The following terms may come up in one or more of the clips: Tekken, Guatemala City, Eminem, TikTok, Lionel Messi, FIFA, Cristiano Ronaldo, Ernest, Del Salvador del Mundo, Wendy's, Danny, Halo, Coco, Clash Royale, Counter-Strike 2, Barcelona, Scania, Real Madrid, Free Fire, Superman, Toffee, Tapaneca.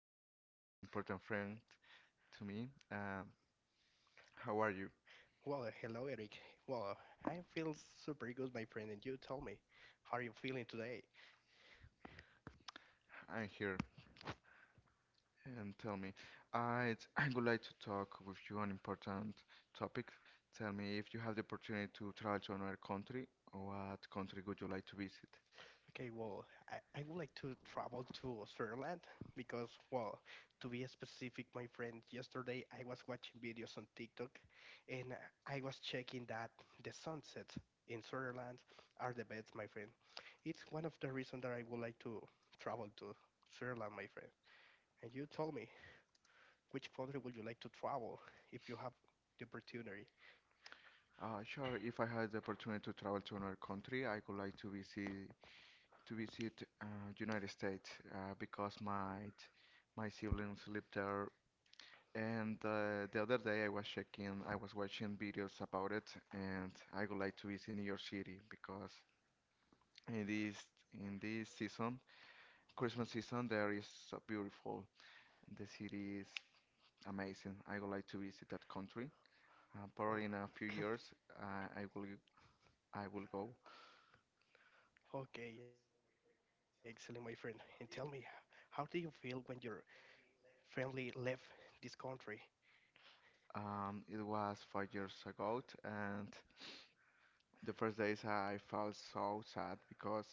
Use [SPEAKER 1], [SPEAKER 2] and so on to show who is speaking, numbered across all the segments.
[SPEAKER 1] Ernest, an important friend to me. How are you?
[SPEAKER 2] Well, hello, Eric. Well, I feel super good, my friend. And you tell me, how are you feeling today?
[SPEAKER 1] I'm here, and tell me, I would like to talk with you on important topics. Tell me, if you have the opportunity to travel to another country, what country would you like to visit?
[SPEAKER 2] Okay, well, I would like to travel to Switzerland because, well, to be specific, my friend, yesterday I was watching videos on TikTok and I was checking that the sunsets in Switzerland are the best, my friend. It's one of the reasons that I would like to travel to Switzerland, my friend. And you tell me, which country would you like to travel if you have the opportunity?
[SPEAKER 1] Sure, if I had the opportunity to travel to another country, I would like to visit United States because my siblings live there. And the other day I was checking, I was watching videos about it, and I would like to visit New York City because in this season, Christmas season, there is so beautiful. The city is amazing. I would like to visit that country. Probably in a few years, uh, I will I will go.
[SPEAKER 2] Okay, excellent, my friend. And tell me, how do you feel when your family left this country?
[SPEAKER 1] It was 5 years ago, and the first days I felt so sad because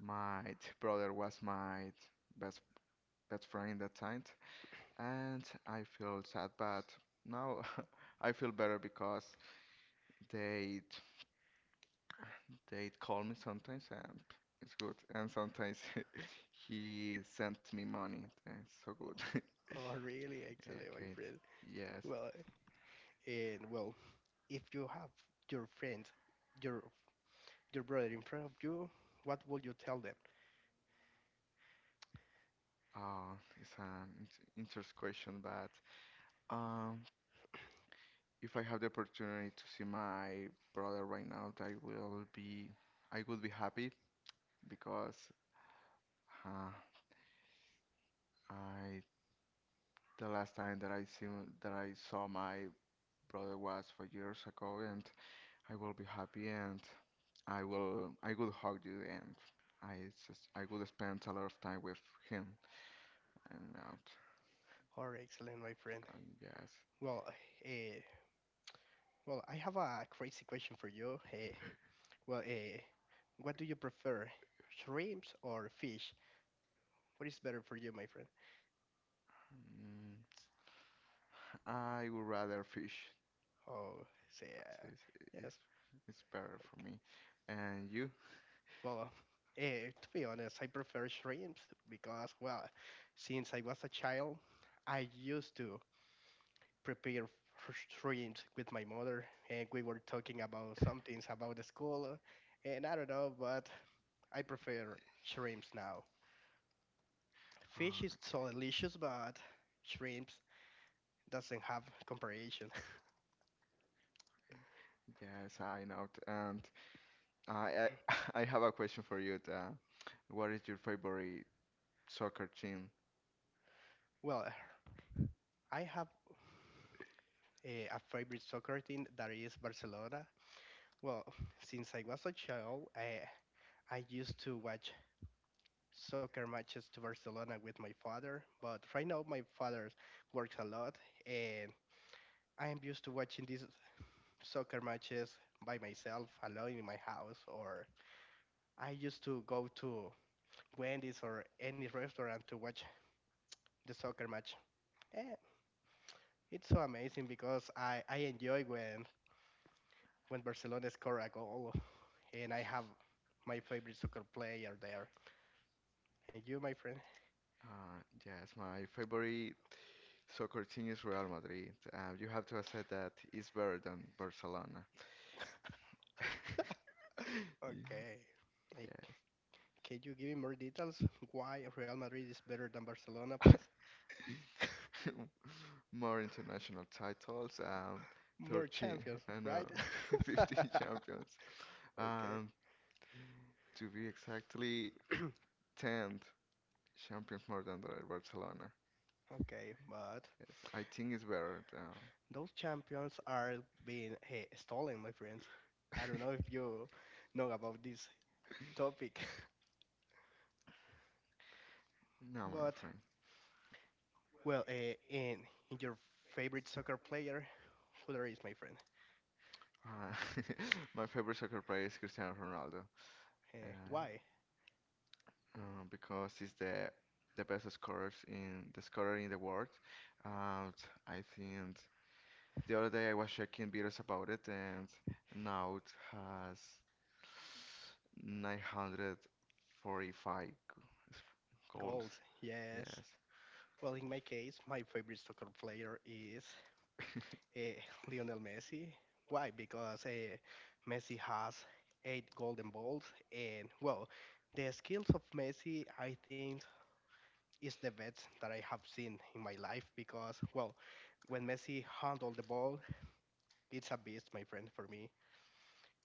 [SPEAKER 1] my brother was my best best friend that time, and I feel sad, but now I feel better because they they call me sometimes and it's good, and sometimes he sent me money. That's so good.
[SPEAKER 2] Oh, really? Excellent, my
[SPEAKER 1] Okay,
[SPEAKER 2] friend.
[SPEAKER 1] yes.
[SPEAKER 2] Well, and well, if you have your friend, your your brother in front of you, what would you tell them?
[SPEAKER 1] Uh, it's an interest question, but um, if I have the opportunity to see my brother right now, I would be happy because uh, I the last time that I see that I saw my brother was 5 years ago, and I will be happy, and I would hug you, and I, I would spend a lot of time with him and out.
[SPEAKER 2] Oh, excellent, my friend.
[SPEAKER 1] And yes,
[SPEAKER 2] Well, uh, well, I have a crazy question for you. Well, what do you prefer, shrimps or fish? What is better for you, my friend?
[SPEAKER 1] mm, I would rather fish
[SPEAKER 2] Oh, say,
[SPEAKER 1] because it's,
[SPEAKER 2] yes.
[SPEAKER 1] it's, it's better for
[SPEAKER 2] Okay.
[SPEAKER 1] me. And you?
[SPEAKER 2] Well, to be honest, I prefer shrimps because, well, since I was a child, I used to prepare shrimps with my mother, and we were talking about some things about the school, and I don't know, but I prefer shrimps now. Fish
[SPEAKER 1] Uh,
[SPEAKER 2] is so delicious, but shrimps doesn't have comparison.
[SPEAKER 1] Yes, I know. And I I have a question for you. What is your favorite soccer team?
[SPEAKER 2] Well, I have a favorite soccer team that is Barcelona. Well, since I was a child, I used to watch soccer matches to Barcelona with my father, but right now my father works a lot and I am used to watching these soccer matches by myself alone in my house or I used to go to Wendy's or any restaurant to watch the soccer match. And it's so amazing because I enjoy when Barcelona score a goal and I have my favorite soccer player there. And you, my friend?
[SPEAKER 1] Yes, my favorite So continues Real Madrid. You have to accept that it's better than Barcelona. Ye-
[SPEAKER 2] Okay. Can you give me more details why Real Madrid is better than Barcelona,
[SPEAKER 1] yes.
[SPEAKER 2] please?
[SPEAKER 1] More international titles.
[SPEAKER 2] More
[SPEAKER 1] 13,
[SPEAKER 2] champions,
[SPEAKER 1] I know,
[SPEAKER 2] right?
[SPEAKER 1] 15 champions.
[SPEAKER 2] Okay,
[SPEAKER 1] Um, to be exactly 10th champions more than the Barcelona.
[SPEAKER 2] okay, but
[SPEAKER 1] Yes, I think it's better now.
[SPEAKER 2] those champions are being stolen, my friends. I don't know if you know about this topic,
[SPEAKER 1] No, my
[SPEAKER 2] but
[SPEAKER 1] friend.
[SPEAKER 2] well, in your favorite soccer player, who there is, my friend?
[SPEAKER 1] Uh, my favorite soccer player is Cristiano Ronaldo. Uh,
[SPEAKER 2] Why?
[SPEAKER 1] because he's the scorer in the world. And I think the other day I was checking videos about it, and now it has 945 sc- goals.
[SPEAKER 2] Goals, yes.
[SPEAKER 1] Yes,
[SPEAKER 2] Well, in my case, my favorite soccer player is uh, Lionel Messi. Why? Because Messi has eight golden balls, and well, the skills of Messi, I think, is the best that I have seen in my life. Because well, when Messi handled the ball, it's a beast, my friend, for me.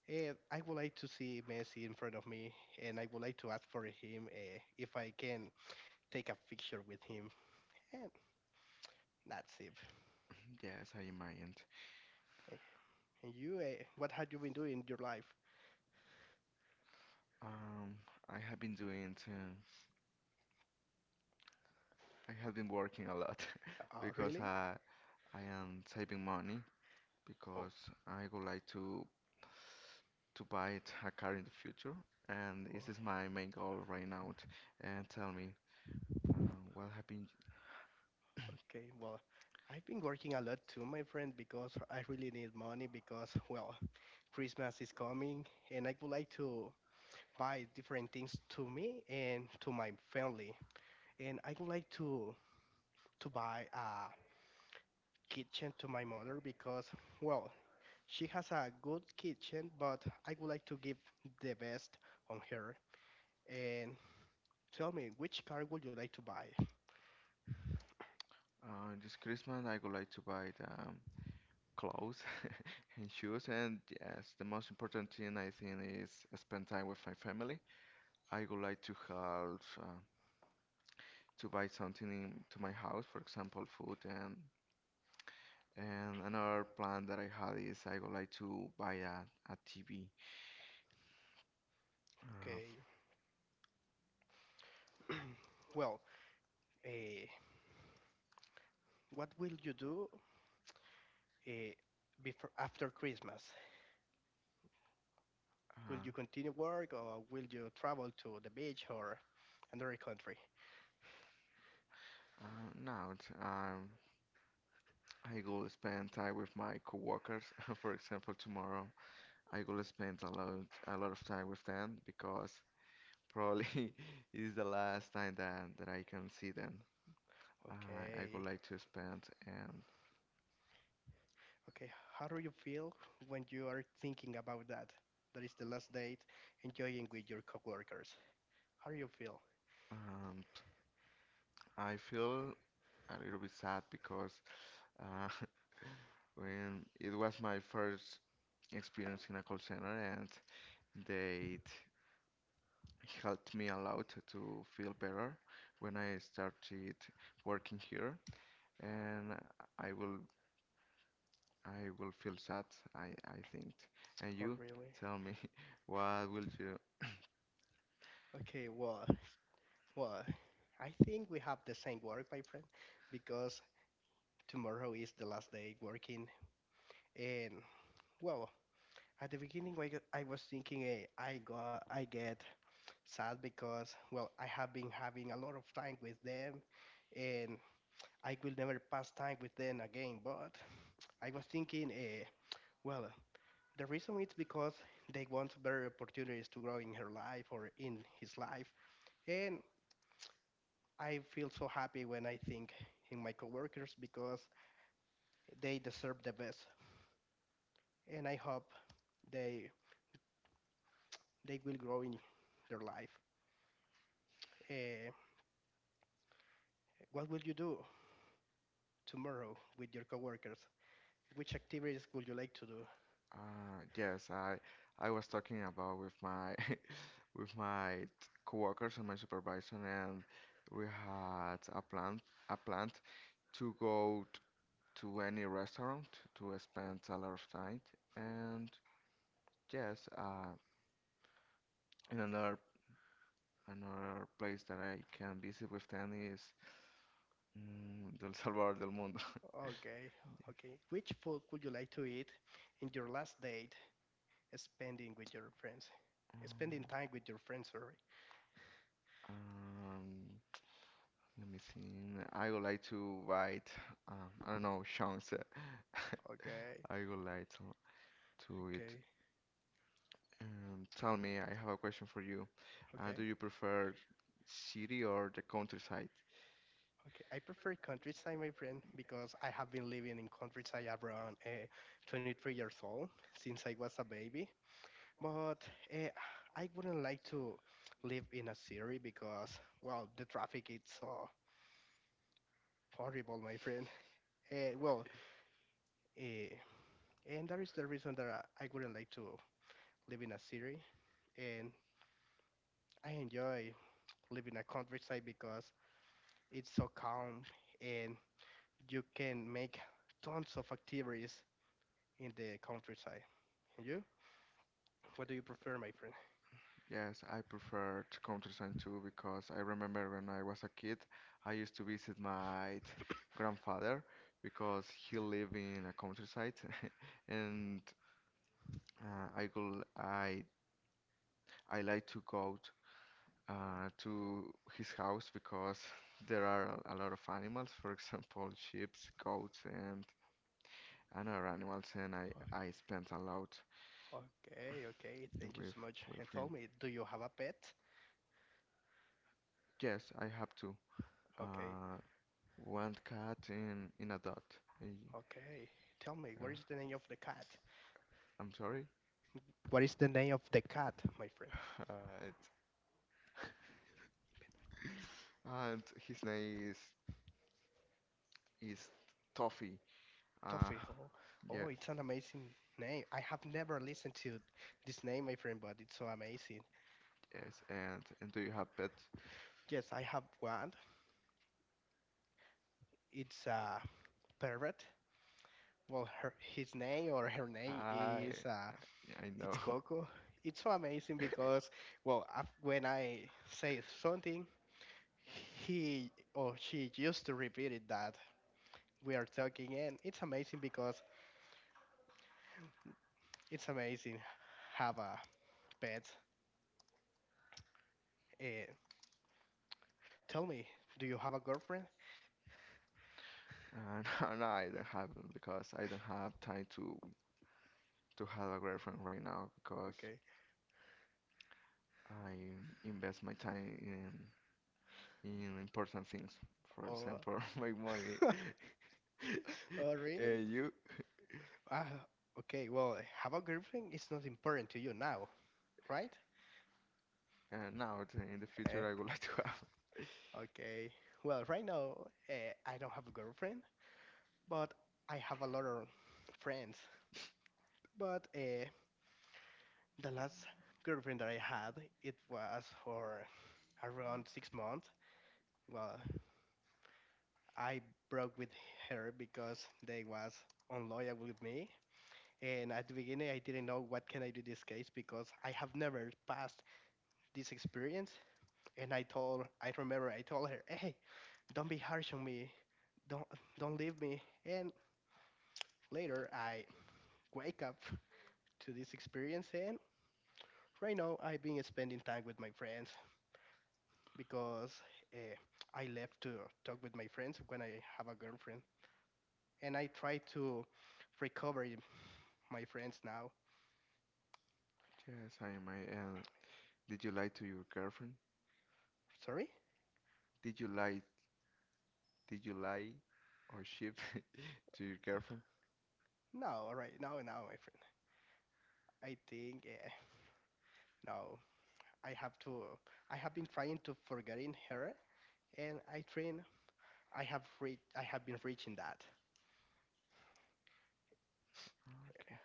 [SPEAKER 2] And I would like to see Messi in front of me, and I would like to ask for him if I can take a picture with him. And that's it.
[SPEAKER 1] yes, I imagined.
[SPEAKER 2] Eh, And you, what have you been doing in your life?
[SPEAKER 1] Um, I have been doing it, I have been working a lot because
[SPEAKER 2] Really?
[SPEAKER 1] I am saving money
[SPEAKER 2] Oh,
[SPEAKER 1] because I would like to buy a car in the future, and
[SPEAKER 2] oh.
[SPEAKER 1] this is my main goal right now. And tell me, what happened
[SPEAKER 2] Okay, well, I've been working a lot too, my friend, because I really need money because, well, Christmas is coming and I would like to buy different things to me and to my family. And I would like to buy a kitchen to my mother because, well, she has a good kitchen, but I would like to give the best on her. And tell me, which car would you like to buy?
[SPEAKER 1] this Christmas? I would like to buy the clothes and shoes, and yes, the most important thing I think is spend time with my family. I would like to have to buy something in, to my house, for example, food and. And another plan that I had is I would like to buy a TV uh,
[SPEAKER 2] Okay. Well, eh, what will you do uh, before after Christmas? Will
[SPEAKER 1] Uh,
[SPEAKER 2] you continue work or will you travel to the beach or another country?
[SPEAKER 1] uh, now, I will spend time with my coworkers. For example, tomorrow I will spend a lot of time with them because probably is the last time that I can see them. I would
[SPEAKER 2] Okay,
[SPEAKER 1] like to spend, and
[SPEAKER 2] okay. How do you feel when you are thinking about that? That is the last date, enjoying with your coworkers. How do you feel?
[SPEAKER 1] um, I feel a little bit sad because uh, when it was my first experience in a call center, and they helped me a lot to feel better when I started working here, and I will I will feel sad. I think. And
[SPEAKER 2] Oh,
[SPEAKER 1] you,
[SPEAKER 2] really?
[SPEAKER 1] tell me what will you?
[SPEAKER 2] Okay, well, well, I think we have the same work, my friend, because tomorrow is the last day working, and well, at the beginning, I was thinking, I get sad because, well, I have been having a lot of time with them and I will never pass time with them again. But I was thinking, well, the reason is because they want better opportunities to grow in her life or in his life. And I feel so happy when I think in my coworkers because they deserve the best, and I hope they they will grow in their life. Uh, what will you do tomorrow with your coworkers? Which activities would you like to do?
[SPEAKER 1] Yes, I was talking about with my with my coworkers and my supervisor, and we had a plan to go to any restaurant to spend a lot of time, and yes, in another. Another place that I can visit with Danny is mm, Del Salvador del Mundo.
[SPEAKER 2] Okay, okay. Which food would you like to eat in your last date, spending with your friends? Spending
[SPEAKER 1] Um,
[SPEAKER 2] time with your friends, sorry.
[SPEAKER 1] Um, Let me see. I would like to write, I don't know, chunks.
[SPEAKER 2] Okay,
[SPEAKER 1] I would like to it.
[SPEAKER 2] okay,
[SPEAKER 1] Tell me, I have a question for you. Do
[SPEAKER 2] okay,
[SPEAKER 1] you prefer city or the countryside?
[SPEAKER 2] okay. I prefer countryside, my friend, because I have been living in countryside around 23 years old since I was a baby. But uh, I wouldn't like to live in a city because, well, the traffic is so horrible, my friend. Well, uh, and that is the reason that I wouldn't like to live in a city, and I enjoy living a countryside because it's so calm and you can make tons of activities in the countryside. And you? What do you prefer, my friend?
[SPEAKER 1] Yes, I prefer to Counter-Strike 2 because I remember when I was a kid, I used to visit my grandfather because he lived in a countryside, and uh, I go I I like to go to his house because there are a lot of animals, for example, sheep, goats, and other animals, and
[SPEAKER 2] O-
[SPEAKER 1] I spent a lot
[SPEAKER 2] Okay, okay, thank you
[SPEAKER 1] with
[SPEAKER 2] so much.
[SPEAKER 1] with
[SPEAKER 2] And tell
[SPEAKER 1] him.
[SPEAKER 2] me, do you have a pet?
[SPEAKER 1] Yes, I have to.
[SPEAKER 2] Okay,
[SPEAKER 1] Uh, One cat in a dot. I-
[SPEAKER 2] okay. Tell me,
[SPEAKER 1] uh,
[SPEAKER 2] what is the name of the cat?
[SPEAKER 1] I'm sorry.
[SPEAKER 2] What is the name of the cat, my friend?
[SPEAKER 1] It's- and his name is Toffee. Uh,
[SPEAKER 2] Toffee. Oh,
[SPEAKER 1] yes,
[SPEAKER 2] oh, it's an amazing name. I have never listened to this name, my friend, but it's so amazing.
[SPEAKER 1] yes. And do you have pets?
[SPEAKER 2] Yes, I have one. It's a pervert. Well, her, his name or her name
[SPEAKER 1] I
[SPEAKER 2] is
[SPEAKER 1] I
[SPEAKER 2] it's
[SPEAKER 1] know.
[SPEAKER 2] Coco. It's so amazing because well, when I say something, he or she used to repeat it that we are talking, and it's amazing because it's amazing have a pet. Uh, tell me, do you have a girlfriend?
[SPEAKER 1] Uh, no, no, I don't have them because I don't have time to have a girlfriend right now because
[SPEAKER 2] Okay.
[SPEAKER 1] I invest my time in important things. For
[SPEAKER 2] Oh,
[SPEAKER 1] example, my money.
[SPEAKER 2] oh, really?
[SPEAKER 1] And you?
[SPEAKER 2] Ah, okay. Well, have a girlfriend is not important to you now, right?
[SPEAKER 1] And now in the future, I would like to have.
[SPEAKER 2] Okay. Well, right now I don't have a girlfriend, but I have a lot of friends. But the last girlfriend that I had, it was for around 6 months. Well, I broke with her because they was unloyal with me. And at the beginning, I didn't know what can I do this case because I have never passed this experience. And I remember I told her, hey, don't be harsh on me. Don't, don't leave me. And later, I wake up to this experience. And right now, I've been spending time with my friends because uh, I left to talk with my friends when I have a girlfriend. And I try to recover my friends now.
[SPEAKER 1] Yes, Hi, my. I Did you lie to your girlfriend?
[SPEAKER 2] Sorry?
[SPEAKER 1] Did you lie? Did you lie or ship to your girlfriend?
[SPEAKER 2] No, right now, my friend. I think no. I have to. I have been trying to forgetting her, and I train. I have reached. I have been reaching that.
[SPEAKER 1] Okay.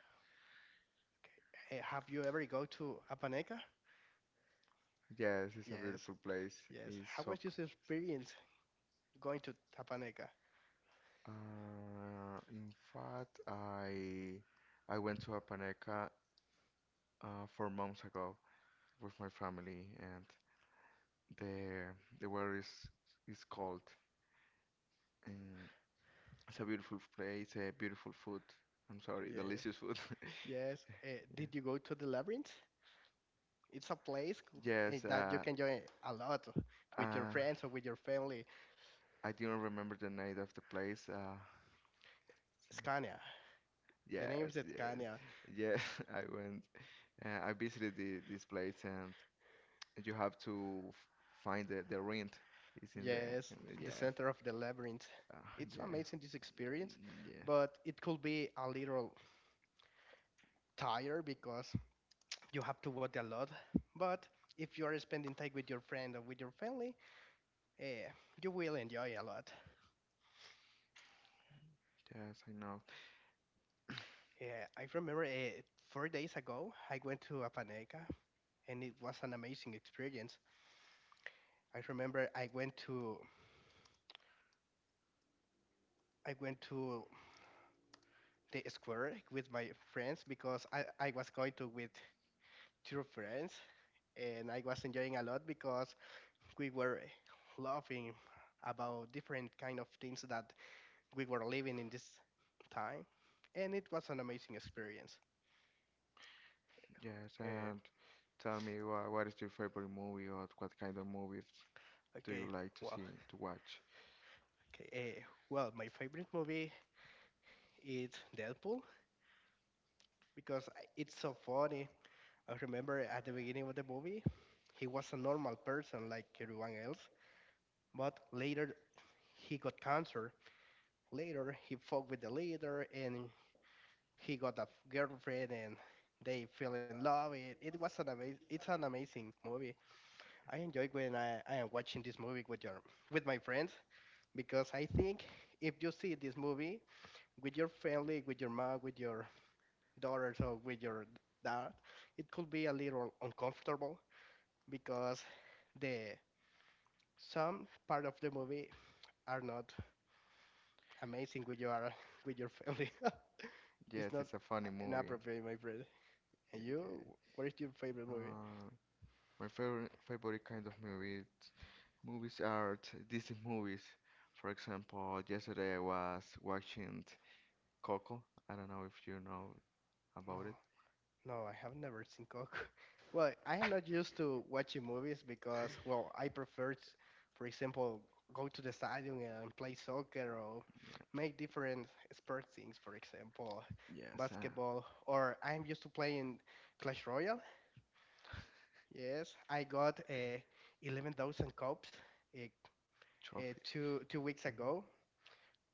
[SPEAKER 2] Okay. Have you ever go to Apaneca?
[SPEAKER 1] Yes, it's a
[SPEAKER 2] Yes,
[SPEAKER 1] beautiful place.
[SPEAKER 2] yes.
[SPEAKER 1] It's
[SPEAKER 2] How
[SPEAKER 1] so.
[SPEAKER 2] was your experience going to Tapaneca?
[SPEAKER 1] In fact, I went to Apaneca 4 months ago with my family, and the the weather is cold, and it's a beautiful place, a beautiful food. I'm sorry,
[SPEAKER 2] Yeah.
[SPEAKER 1] delicious food.
[SPEAKER 2] Yes. Uh,
[SPEAKER 1] Yeah.
[SPEAKER 2] did you go to the labyrinth? It's a place
[SPEAKER 1] Yes,
[SPEAKER 2] that you can join a lot with your
[SPEAKER 1] uh,
[SPEAKER 2] friends or with your family.
[SPEAKER 1] I didn't remember the name of the place.
[SPEAKER 2] Scania. The name
[SPEAKER 1] Yes,
[SPEAKER 2] is
[SPEAKER 1] yes,
[SPEAKER 2] Scania.
[SPEAKER 1] yes. I went. I visited this place, and you have to find the rent. It's in the
[SPEAKER 2] Yes, the
[SPEAKER 1] yes,
[SPEAKER 2] center of the labyrinth.
[SPEAKER 1] uh,
[SPEAKER 2] It's
[SPEAKER 1] yeah.
[SPEAKER 2] amazing this experience,
[SPEAKER 1] Mm, yeah.
[SPEAKER 2] but it could be a little tired because you have to walk a lot. But if you are spending time with your friend or with your family, uh, you will enjoy a lot.
[SPEAKER 1] Yes, I know.
[SPEAKER 2] Yeah, I remember 4 days ago I went to Apaneca and it was an amazing experience. I remember I went to the square with my friends because I was going to with two friends and I was enjoying a lot because we were laughing about different kind of things that we were living in this time and it was an amazing experience.
[SPEAKER 1] Yes,
[SPEAKER 2] Uh,
[SPEAKER 1] and tell me, what is your favorite movie, or what kind of movies do you
[SPEAKER 2] okay,
[SPEAKER 1] like to
[SPEAKER 2] well,
[SPEAKER 1] see, to watch?
[SPEAKER 2] okay, uh, well, my favorite movie is Deadpool because it's so funny. I remember at the beginning of the movie, he was a normal person like everyone else, but later he got cancer. Later he fought with the leader and he got a girlfriend and they fell in love. It's an amazing movie. I enjoy when I am watching this movie with your with my friends because I think if you see this movie with your family, with your mom, with your daughters or with your dad, it could be a little uncomfortable because the some part of the movie are not amazing with your with your family. It's
[SPEAKER 1] Yes,
[SPEAKER 2] not
[SPEAKER 1] it's a funny movie.
[SPEAKER 2] inappropriate, my friend.
[SPEAKER 1] Yeah,
[SPEAKER 2] And you,
[SPEAKER 1] yeah.
[SPEAKER 2] what is your favorite movie?
[SPEAKER 1] Uh, my favorite kind of movies are Disney movies. For example, yesterday I was watching Coco. I don't know if you know
[SPEAKER 2] No,
[SPEAKER 1] about it.
[SPEAKER 2] no, I have never seen Coco. Well, I am not used to watching movies because, well, I prefer, for example, go to the stadium and play soccer or
[SPEAKER 1] Yeah.
[SPEAKER 2] make different sport things, for example,
[SPEAKER 1] Yes,
[SPEAKER 2] basketball, or I'm used to playing Clash Royale. Yes, I got 11,000 cups uh,
[SPEAKER 1] trophies.
[SPEAKER 2] two weeks
[SPEAKER 1] Mm-hmm.
[SPEAKER 2] ago,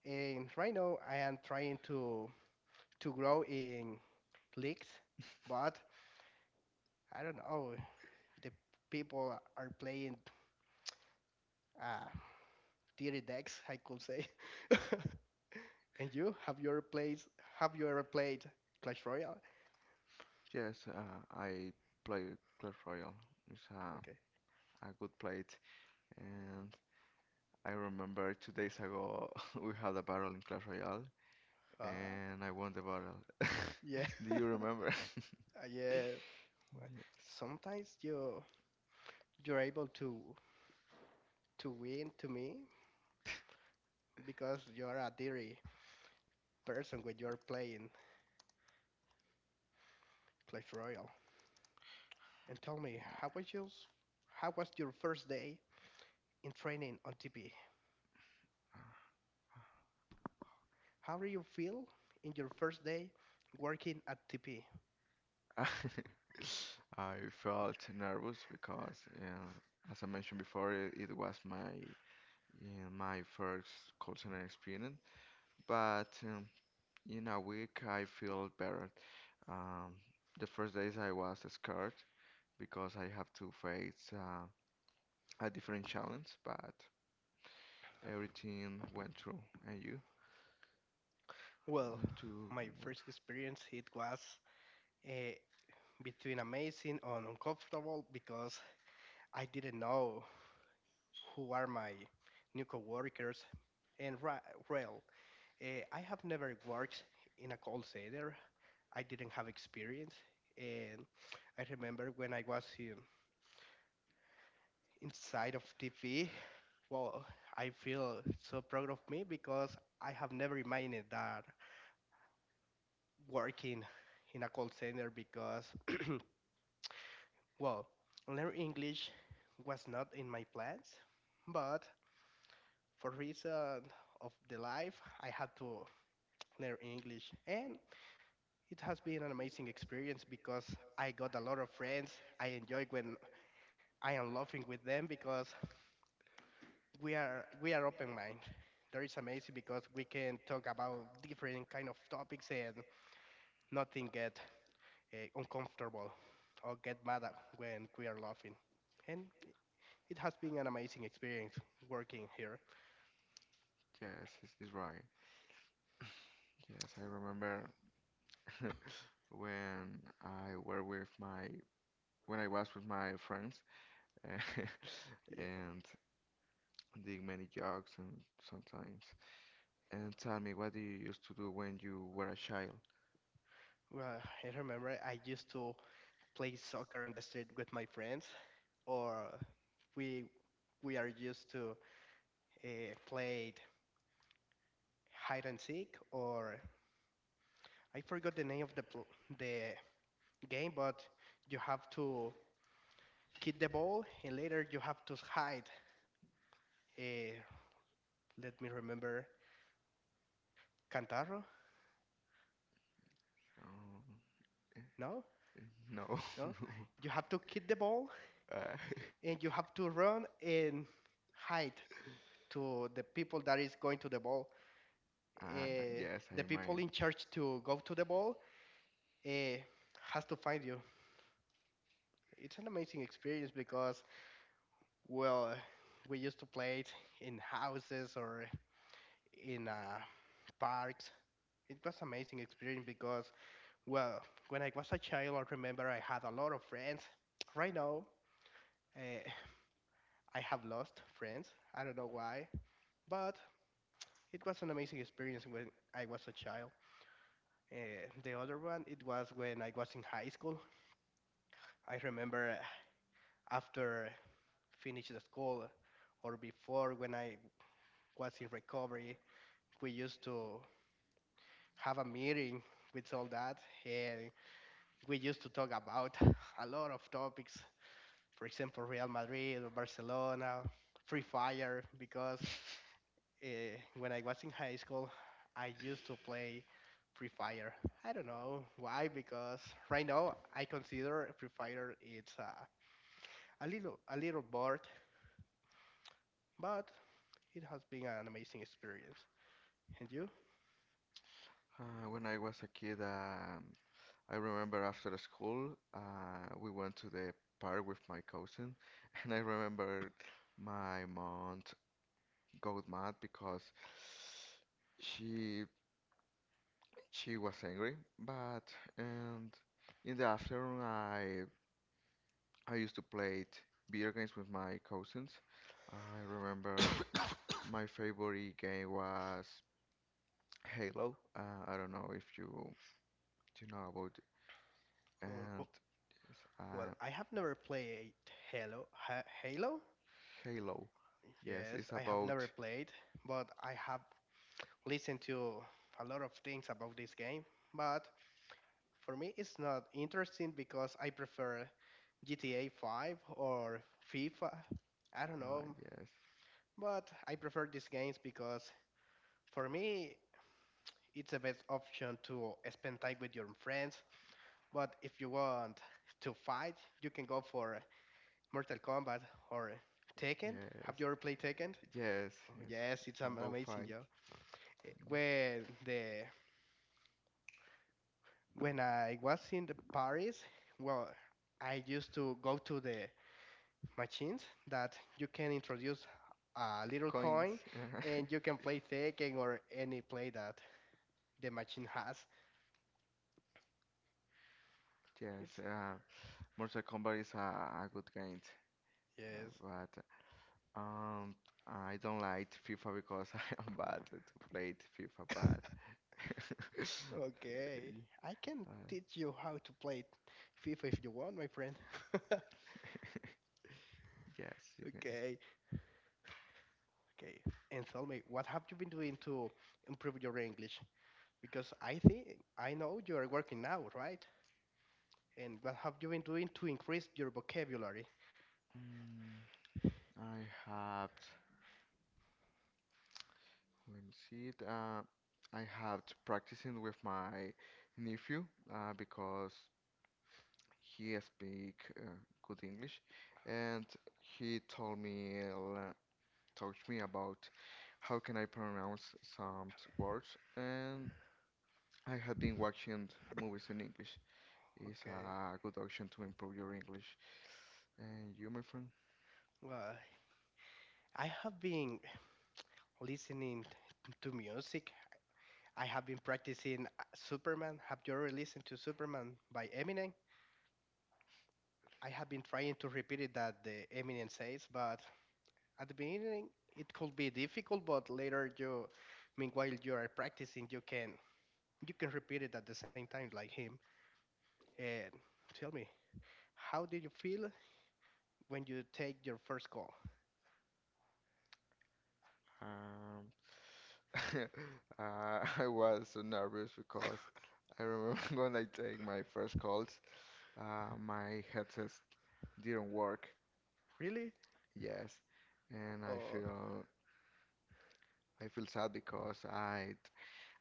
[SPEAKER 2] and right now I am trying to grow in leagues, but I don't know. The people are playing uh, dirty decks, I could say. And you have your plays? Have you ever played Clash Royale?
[SPEAKER 1] Yes, I played Clash Royale. It's
[SPEAKER 2] Okay.
[SPEAKER 1] a good play, and I remember 2 days ago we had a battle in Clash Royale,
[SPEAKER 2] Uh,
[SPEAKER 1] and I won the battle.
[SPEAKER 2] yeah,
[SPEAKER 1] Do you remember?
[SPEAKER 2] Uh, yeah. Uh,
[SPEAKER 1] Yes.
[SPEAKER 2] Sometimes you're able to win to me because you're a dear person when you're playing Clash Royale. And tell me, how was your first day in training on TP? How do you feel in your first day working at TP?
[SPEAKER 1] Yeah. I felt nervous because, uh, as I mentioned before, it was my my first call center experience. But in a week, I feel better. Um, the first days I was scared because I have to face a different challenge, but everything went through. And you?
[SPEAKER 2] Well,
[SPEAKER 1] Went to
[SPEAKER 2] my
[SPEAKER 1] well,
[SPEAKER 2] first experience it was uh, between amazing and uncomfortable because I didn't know who are my new coworkers. And ra- well, I have never worked in a call center, I didn't have experience. And I remember when I was inside of TV, well, I feel so proud of me because I have never imagined that working in a call center because, well, learn English was not in my plans, but for reason of the life, I had to learn English and it has been an amazing experience because I got a lot of friends. I enjoy when I am laughing with them because we are open mind. That is amazing because we can talk about different kind of topics and nothing get uncomfortable or get mad at when we are laughing. And it has been an amazing experience working here.
[SPEAKER 1] yes, it's right. Yes, I remember when I were with my when I was with my friends
[SPEAKER 2] Yeah.
[SPEAKER 1] and did many jokes and sometimes, and tell me, what do you used to do when you were a child?
[SPEAKER 2] Well, I remember I used to play soccer on the street with my friends, or we we are used to play hide and seek, or I forgot the name of the the game, but you have to kick the ball and later you have to hide. Uh, let me remember Cantaro.
[SPEAKER 1] Um,
[SPEAKER 2] No,
[SPEAKER 1] No.
[SPEAKER 2] no. You have to kick the ball
[SPEAKER 1] uh,
[SPEAKER 2] and you have to run and hide to the people that is going to the ball.
[SPEAKER 1] uh,
[SPEAKER 2] Uh,
[SPEAKER 1] yes, I
[SPEAKER 2] the
[SPEAKER 1] mind.
[SPEAKER 2] people in charge to go to the ball uh, has to find you. It's an amazing experience because well, we used to play it in houses or in parks. It was amazing experience because well, when I was a child, I remember I had a lot of friends. Right now, uh, I have lost friends. I don't know why, but it was an amazing experience when I was a child. The other one, it was when I was in high school. I remember after finish the school or before when I was in recovery, we used to have a meeting with all that, and we used to talk about a lot of topics, for example, Real Madrid or Barcelona, Free Fire, because uh, when I was in high school, I used to play Free Fire. I don't know why, because right now I consider Free Fire it's a little bored, but it has been an amazing experience. And you?
[SPEAKER 1] When I was a kid, I remember after school, we went to the park with my cousin, and I remember my mom got mad because she she was angry. But and in the afternoon, I used to play video games with my cousins. I remember my favorite game was Halo. I don't know if you know about it. And
[SPEAKER 2] Oh,
[SPEAKER 1] yes,
[SPEAKER 2] well, I have never played Halo. Halo?
[SPEAKER 1] Halo. Yes,
[SPEAKER 2] Yes,
[SPEAKER 1] it's
[SPEAKER 2] I have never
[SPEAKER 1] about
[SPEAKER 2] played, but I have listened to a lot of things about this game. But for me, it's not interesting because I prefer GTA 5 or FIFA. I don't
[SPEAKER 1] uh,
[SPEAKER 2] know,
[SPEAKER 1] yes,
[SPEAKER 2] but I prefer these games because for me, it's the best option to spend time with your friends. But if you want to fight, you can go for Mortal Kombat or Tekken. Have
[SPEAKER 1] yes,
[SPEAKER 2] you ever played Tekken? Oh,
[SPEAKER 1] yes,
[SPEAKER 2] yes, it's an
[SPEAKER 1] about
[SPEAKER 2] amazing
[SPEAKER 1] fight
[SPEAKER 2] job. When the when I was in the Paris, well, I used to go to the machines that you can introduce a little
[SPEAKER 1] coins.
[SPEAKER 2] coin and you can play Tekken or any play that the machine has.
[SPEAKER 1] Yes,
[SPEAKER 2] It's
[SPEAKER 1] Mortal Kombat is a good game, uh,
[SPEAKER 2] yes.
[SPEAKER 1] but Um, I don't like FIFA because I am bad to play it FIFA bad.
[SPEAKER 2] Okay. I can
[SPEAKER 1] Uh,
[SPEAKER 2] teach you how to play FIFA if you want, my friend.
[SPEAKER 1] yes, you can.
[SPEAKER 2] Okay. Okay. And tell me, what have you been doing to improve your English? Because I think I know you are working now, right? And what have you been doing to increase your vocabulary?
[SPEAKER 1] Mm, I have. Let me see it. I have practicing with my nephew because he speak good English, and he told me taught me about how can I pronounce some words, and I had been watching movies in English. It's
[SPEAKER 2] Okay.
[SPEAKER 1] a good option to improve your English. And you, my friend,
[SPEAKER 2] Well, I have been listening to music. I have been practicing Superman. Have you ever listened to Superman by Eminem? I have been trying to repeat it that the Eminem says, but at the beginning it could be difficult, but later you, meanwhile you are practicing, you can repeat it at the same time like him. And tell me, how did you feel when you take your first call?
[SPEAKER 1] um, I was so nervous because I remember when I take my first calls, my headset didn't work.
[SPEAKER 2] Really?
[SPEAKER 1] Yes, and
[SPEAKER 2] Oh,
[SPEAKER 1] I feel sad because I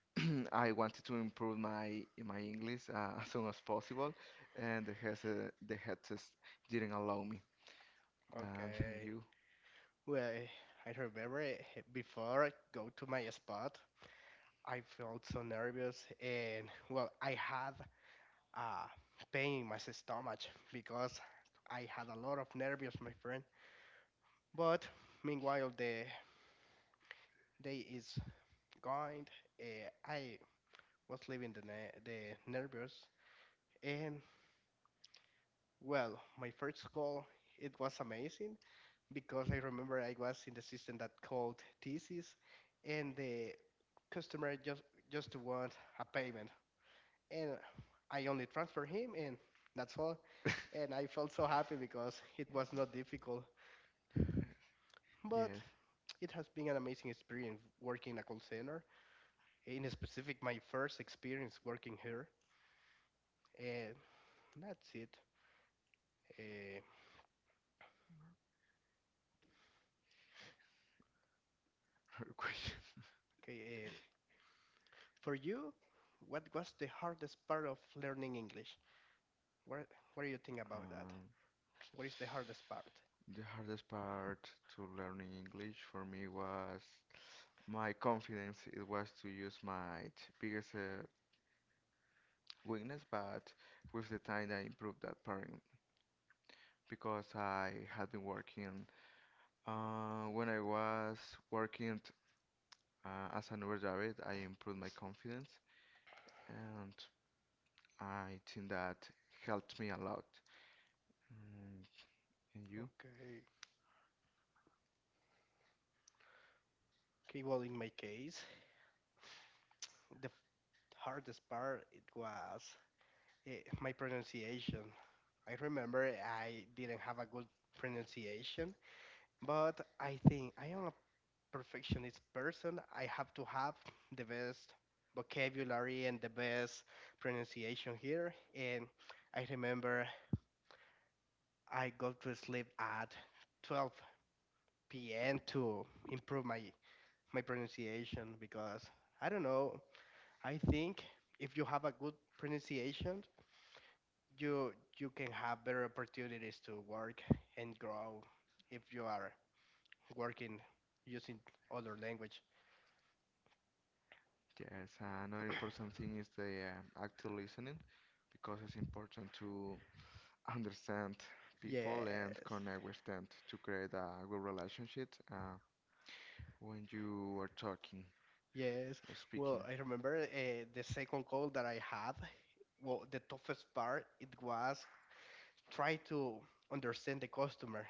[SPEAKER 1] I wanted to improve my English as soon as possible, and the heads, the headset didn't allow me. And
[SPEAKER 2] okay.
[SPEAKER 1] you,
[SPEAKER 2] Well, I remember before I go to my spot, I felt so nervous, and well, I had uh, pain in my stomach because I had a lot of nervous, my friend. But meanwhile, the day is going. I was leaving the the nervous, and well, my first call it was amazing because I remember I was in the system that called thesis, and the customer just want a payment, and I only transfer him, and that's all and I felt so happy because it was not difficult. But
[SPEAKER 1] yes,
[SPEAKER 2] it has been an amazing experience working in a call center. In specific, my first experience working here, and that's it. Uh,
[SPEAKER 1] her question.
[SPEAKER 2] okay, for you, what was the hardest part of learning English? What What do you think about that?
[SPEAKER 1] Um,
[SPEAKER 2] What is the hardest part?
[SPEAKER 1] the hardest part to learning English for me was my confidence. It was to use my biggest weakness, but with the time I improved that part because I had been working. When I was working as an Uber driver, I improved my confidence, and I think that helped me a lot. Mm, and you?
[SPEAKER 2] Okay. Okay. Well, in my case, the hardest part it was uh, my pronunciation. I remember I didn't have a good pronunciation, but I think I am a perfectionist person. I have to have the best vocabulary and the best pronunciation here. And I remember I go to sleep at 12 p.m. to improve my pronunciation because I don't know. I think if you have a good pronunciation, you you can have better opportunities to work and grow if you are working using other language.
[SPEAKER 1] Yes, another important thing is the active listening, because it's important to understand people and
[SPEAKER 2] Yes,
[SPEAKER 1] connect with them to create a good relationship when you are talking
[SPEAKER 2] yes.
[SPEAKER 1] or speaking.
[SPEAKER 2] Well, I remember the second goal that I had. Well, the toughest part it was try to understand the customer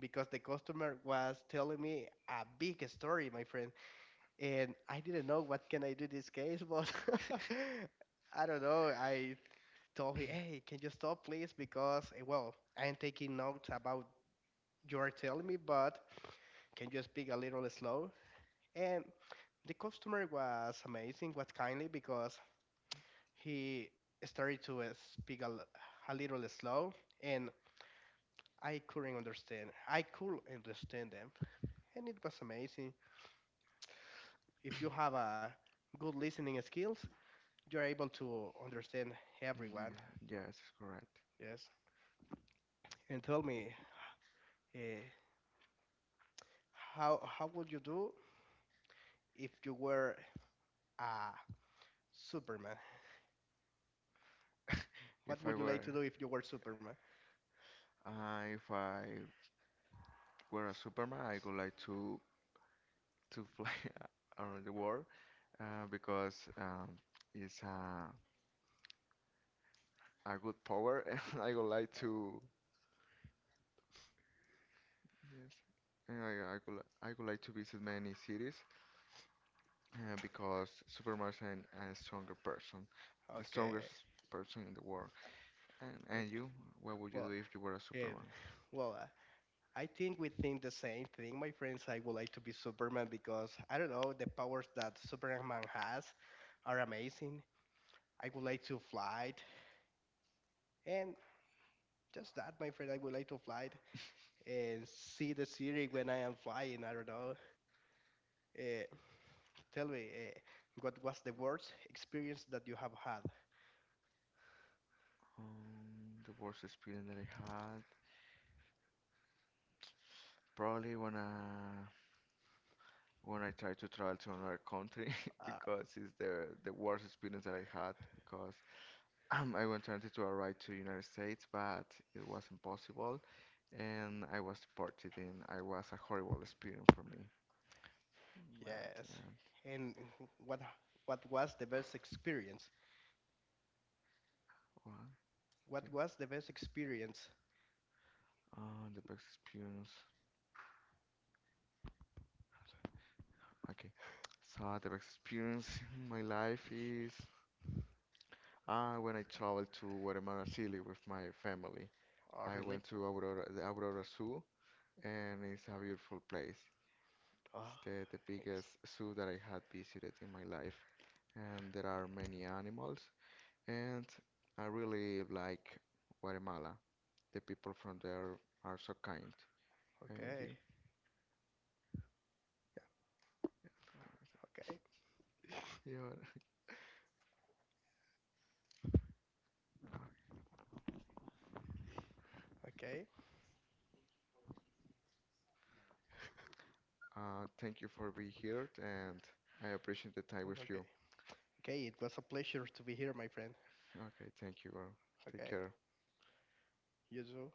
[SPEAKER 2] because the customer was telling me a big story, my friend, and I didn't know what can I do this case, but I don't know. I told him, "Hey, can you stop, please? Because eh, well, I'm taking notes about you are telling me, but can you speak a little slow?" And the customer was amazing, was kindly because he started to speak a little slow and I couldn't understand. I could understand them and it was amazing. If you have a good listening skills, you're able to understand
[SPEAKER 1] Yeah,
[SPEAKER 2] everyone.
[SPEAKER 1] yes, correct.
[SPEAKER 2] Yes. And tell me, uh, how would you do if you were a Superman? What
[SPEAKER 1] If I
[SPEAKER 2] would you like
[SPEAKER 1] were
[SPEAKER 2] to do if you were Superman?
[SPEAKER 1] if I were a Superman, I would like to fly around the world because it's a good power, and I would like to yes, and I would like to visit many cities because Superman is a stronger person, the strongest
[SPEAKER 2] Okay.
[SPEAKER 1] person in the world. And
[SPEAKER 2] Okay.
[SPEAKER 1] you, what would you
[SPEAKER 2] Well,
[SPEAKER 1] do if you were a
[SPEAKER 2] and
[SPEAKER 1] Superman?
[SPEAKER 2] well, I think we think the same thing, my friends. I would like to be Superman because I don't know, the powers that Superman has are amazing. I would like to fly, and just that, my friend. I would like to fly and see the city when I am flying. I don't know. Uh, tell me, what was the worst experience that you have had?
[SPEAKER 1] The worst experience that I had probably when I tried to travel to another country
[SPEAKER 2] Uh,
[SPEAKER 1] because it's the worst experience that I had because I wanted to arrive to United States, but it was impossible and I was deported, and I was a horrible experience for me. But
[SPEAKER 2] yes,
[SPEAKER 1] yeah,
[SPEAKER 2] and what what was the best experience?
[SPEAKER 1] one, two.
[SPEAKER 2] What was the best experience?
[SPEAKER 1] The best experience. Okay. So the best experience in my life is when I traveled to Guatemala City with my family,
[SPEAKER 2] Oh,
[SPEAKER 1] I
[SPEAKER 2] really?
[SPEAKER 1] went to Aurora, the Aurora Zoo, and it's a beautiful place. It's
[SPEAKER 2] Oh,
[SPEAKER 1] the
[SPEAKER 2] yes.
[SPEAKER 1] biggest zoo that I had visited in my life, and there are many animals. And I really like Guatemala. The people from there are so kind. And
[SPEAKER 2] Okay,
[SPEAKER 1] you,
[SPEAKER 2] yeah, okay.
[SPEAKER 1] you are-
[SPEAKER 2] Okay.
[SPEAKER 1] thank you for being here, and I appreciate the time
[SPEAKER 2] Well,
[SPEAKER 1] with
[SPEAKER 2] okay.
[SPEAKER 1] you.
[SPEAKER 2] Okay. It was a pleasure to be here, my friend.
[SPEAKER 1] Okay, thank you. Girl. Take
[SPEAKER 2] Okay.
[SPEAKER 1] care.
[SPEAKER 2] You too.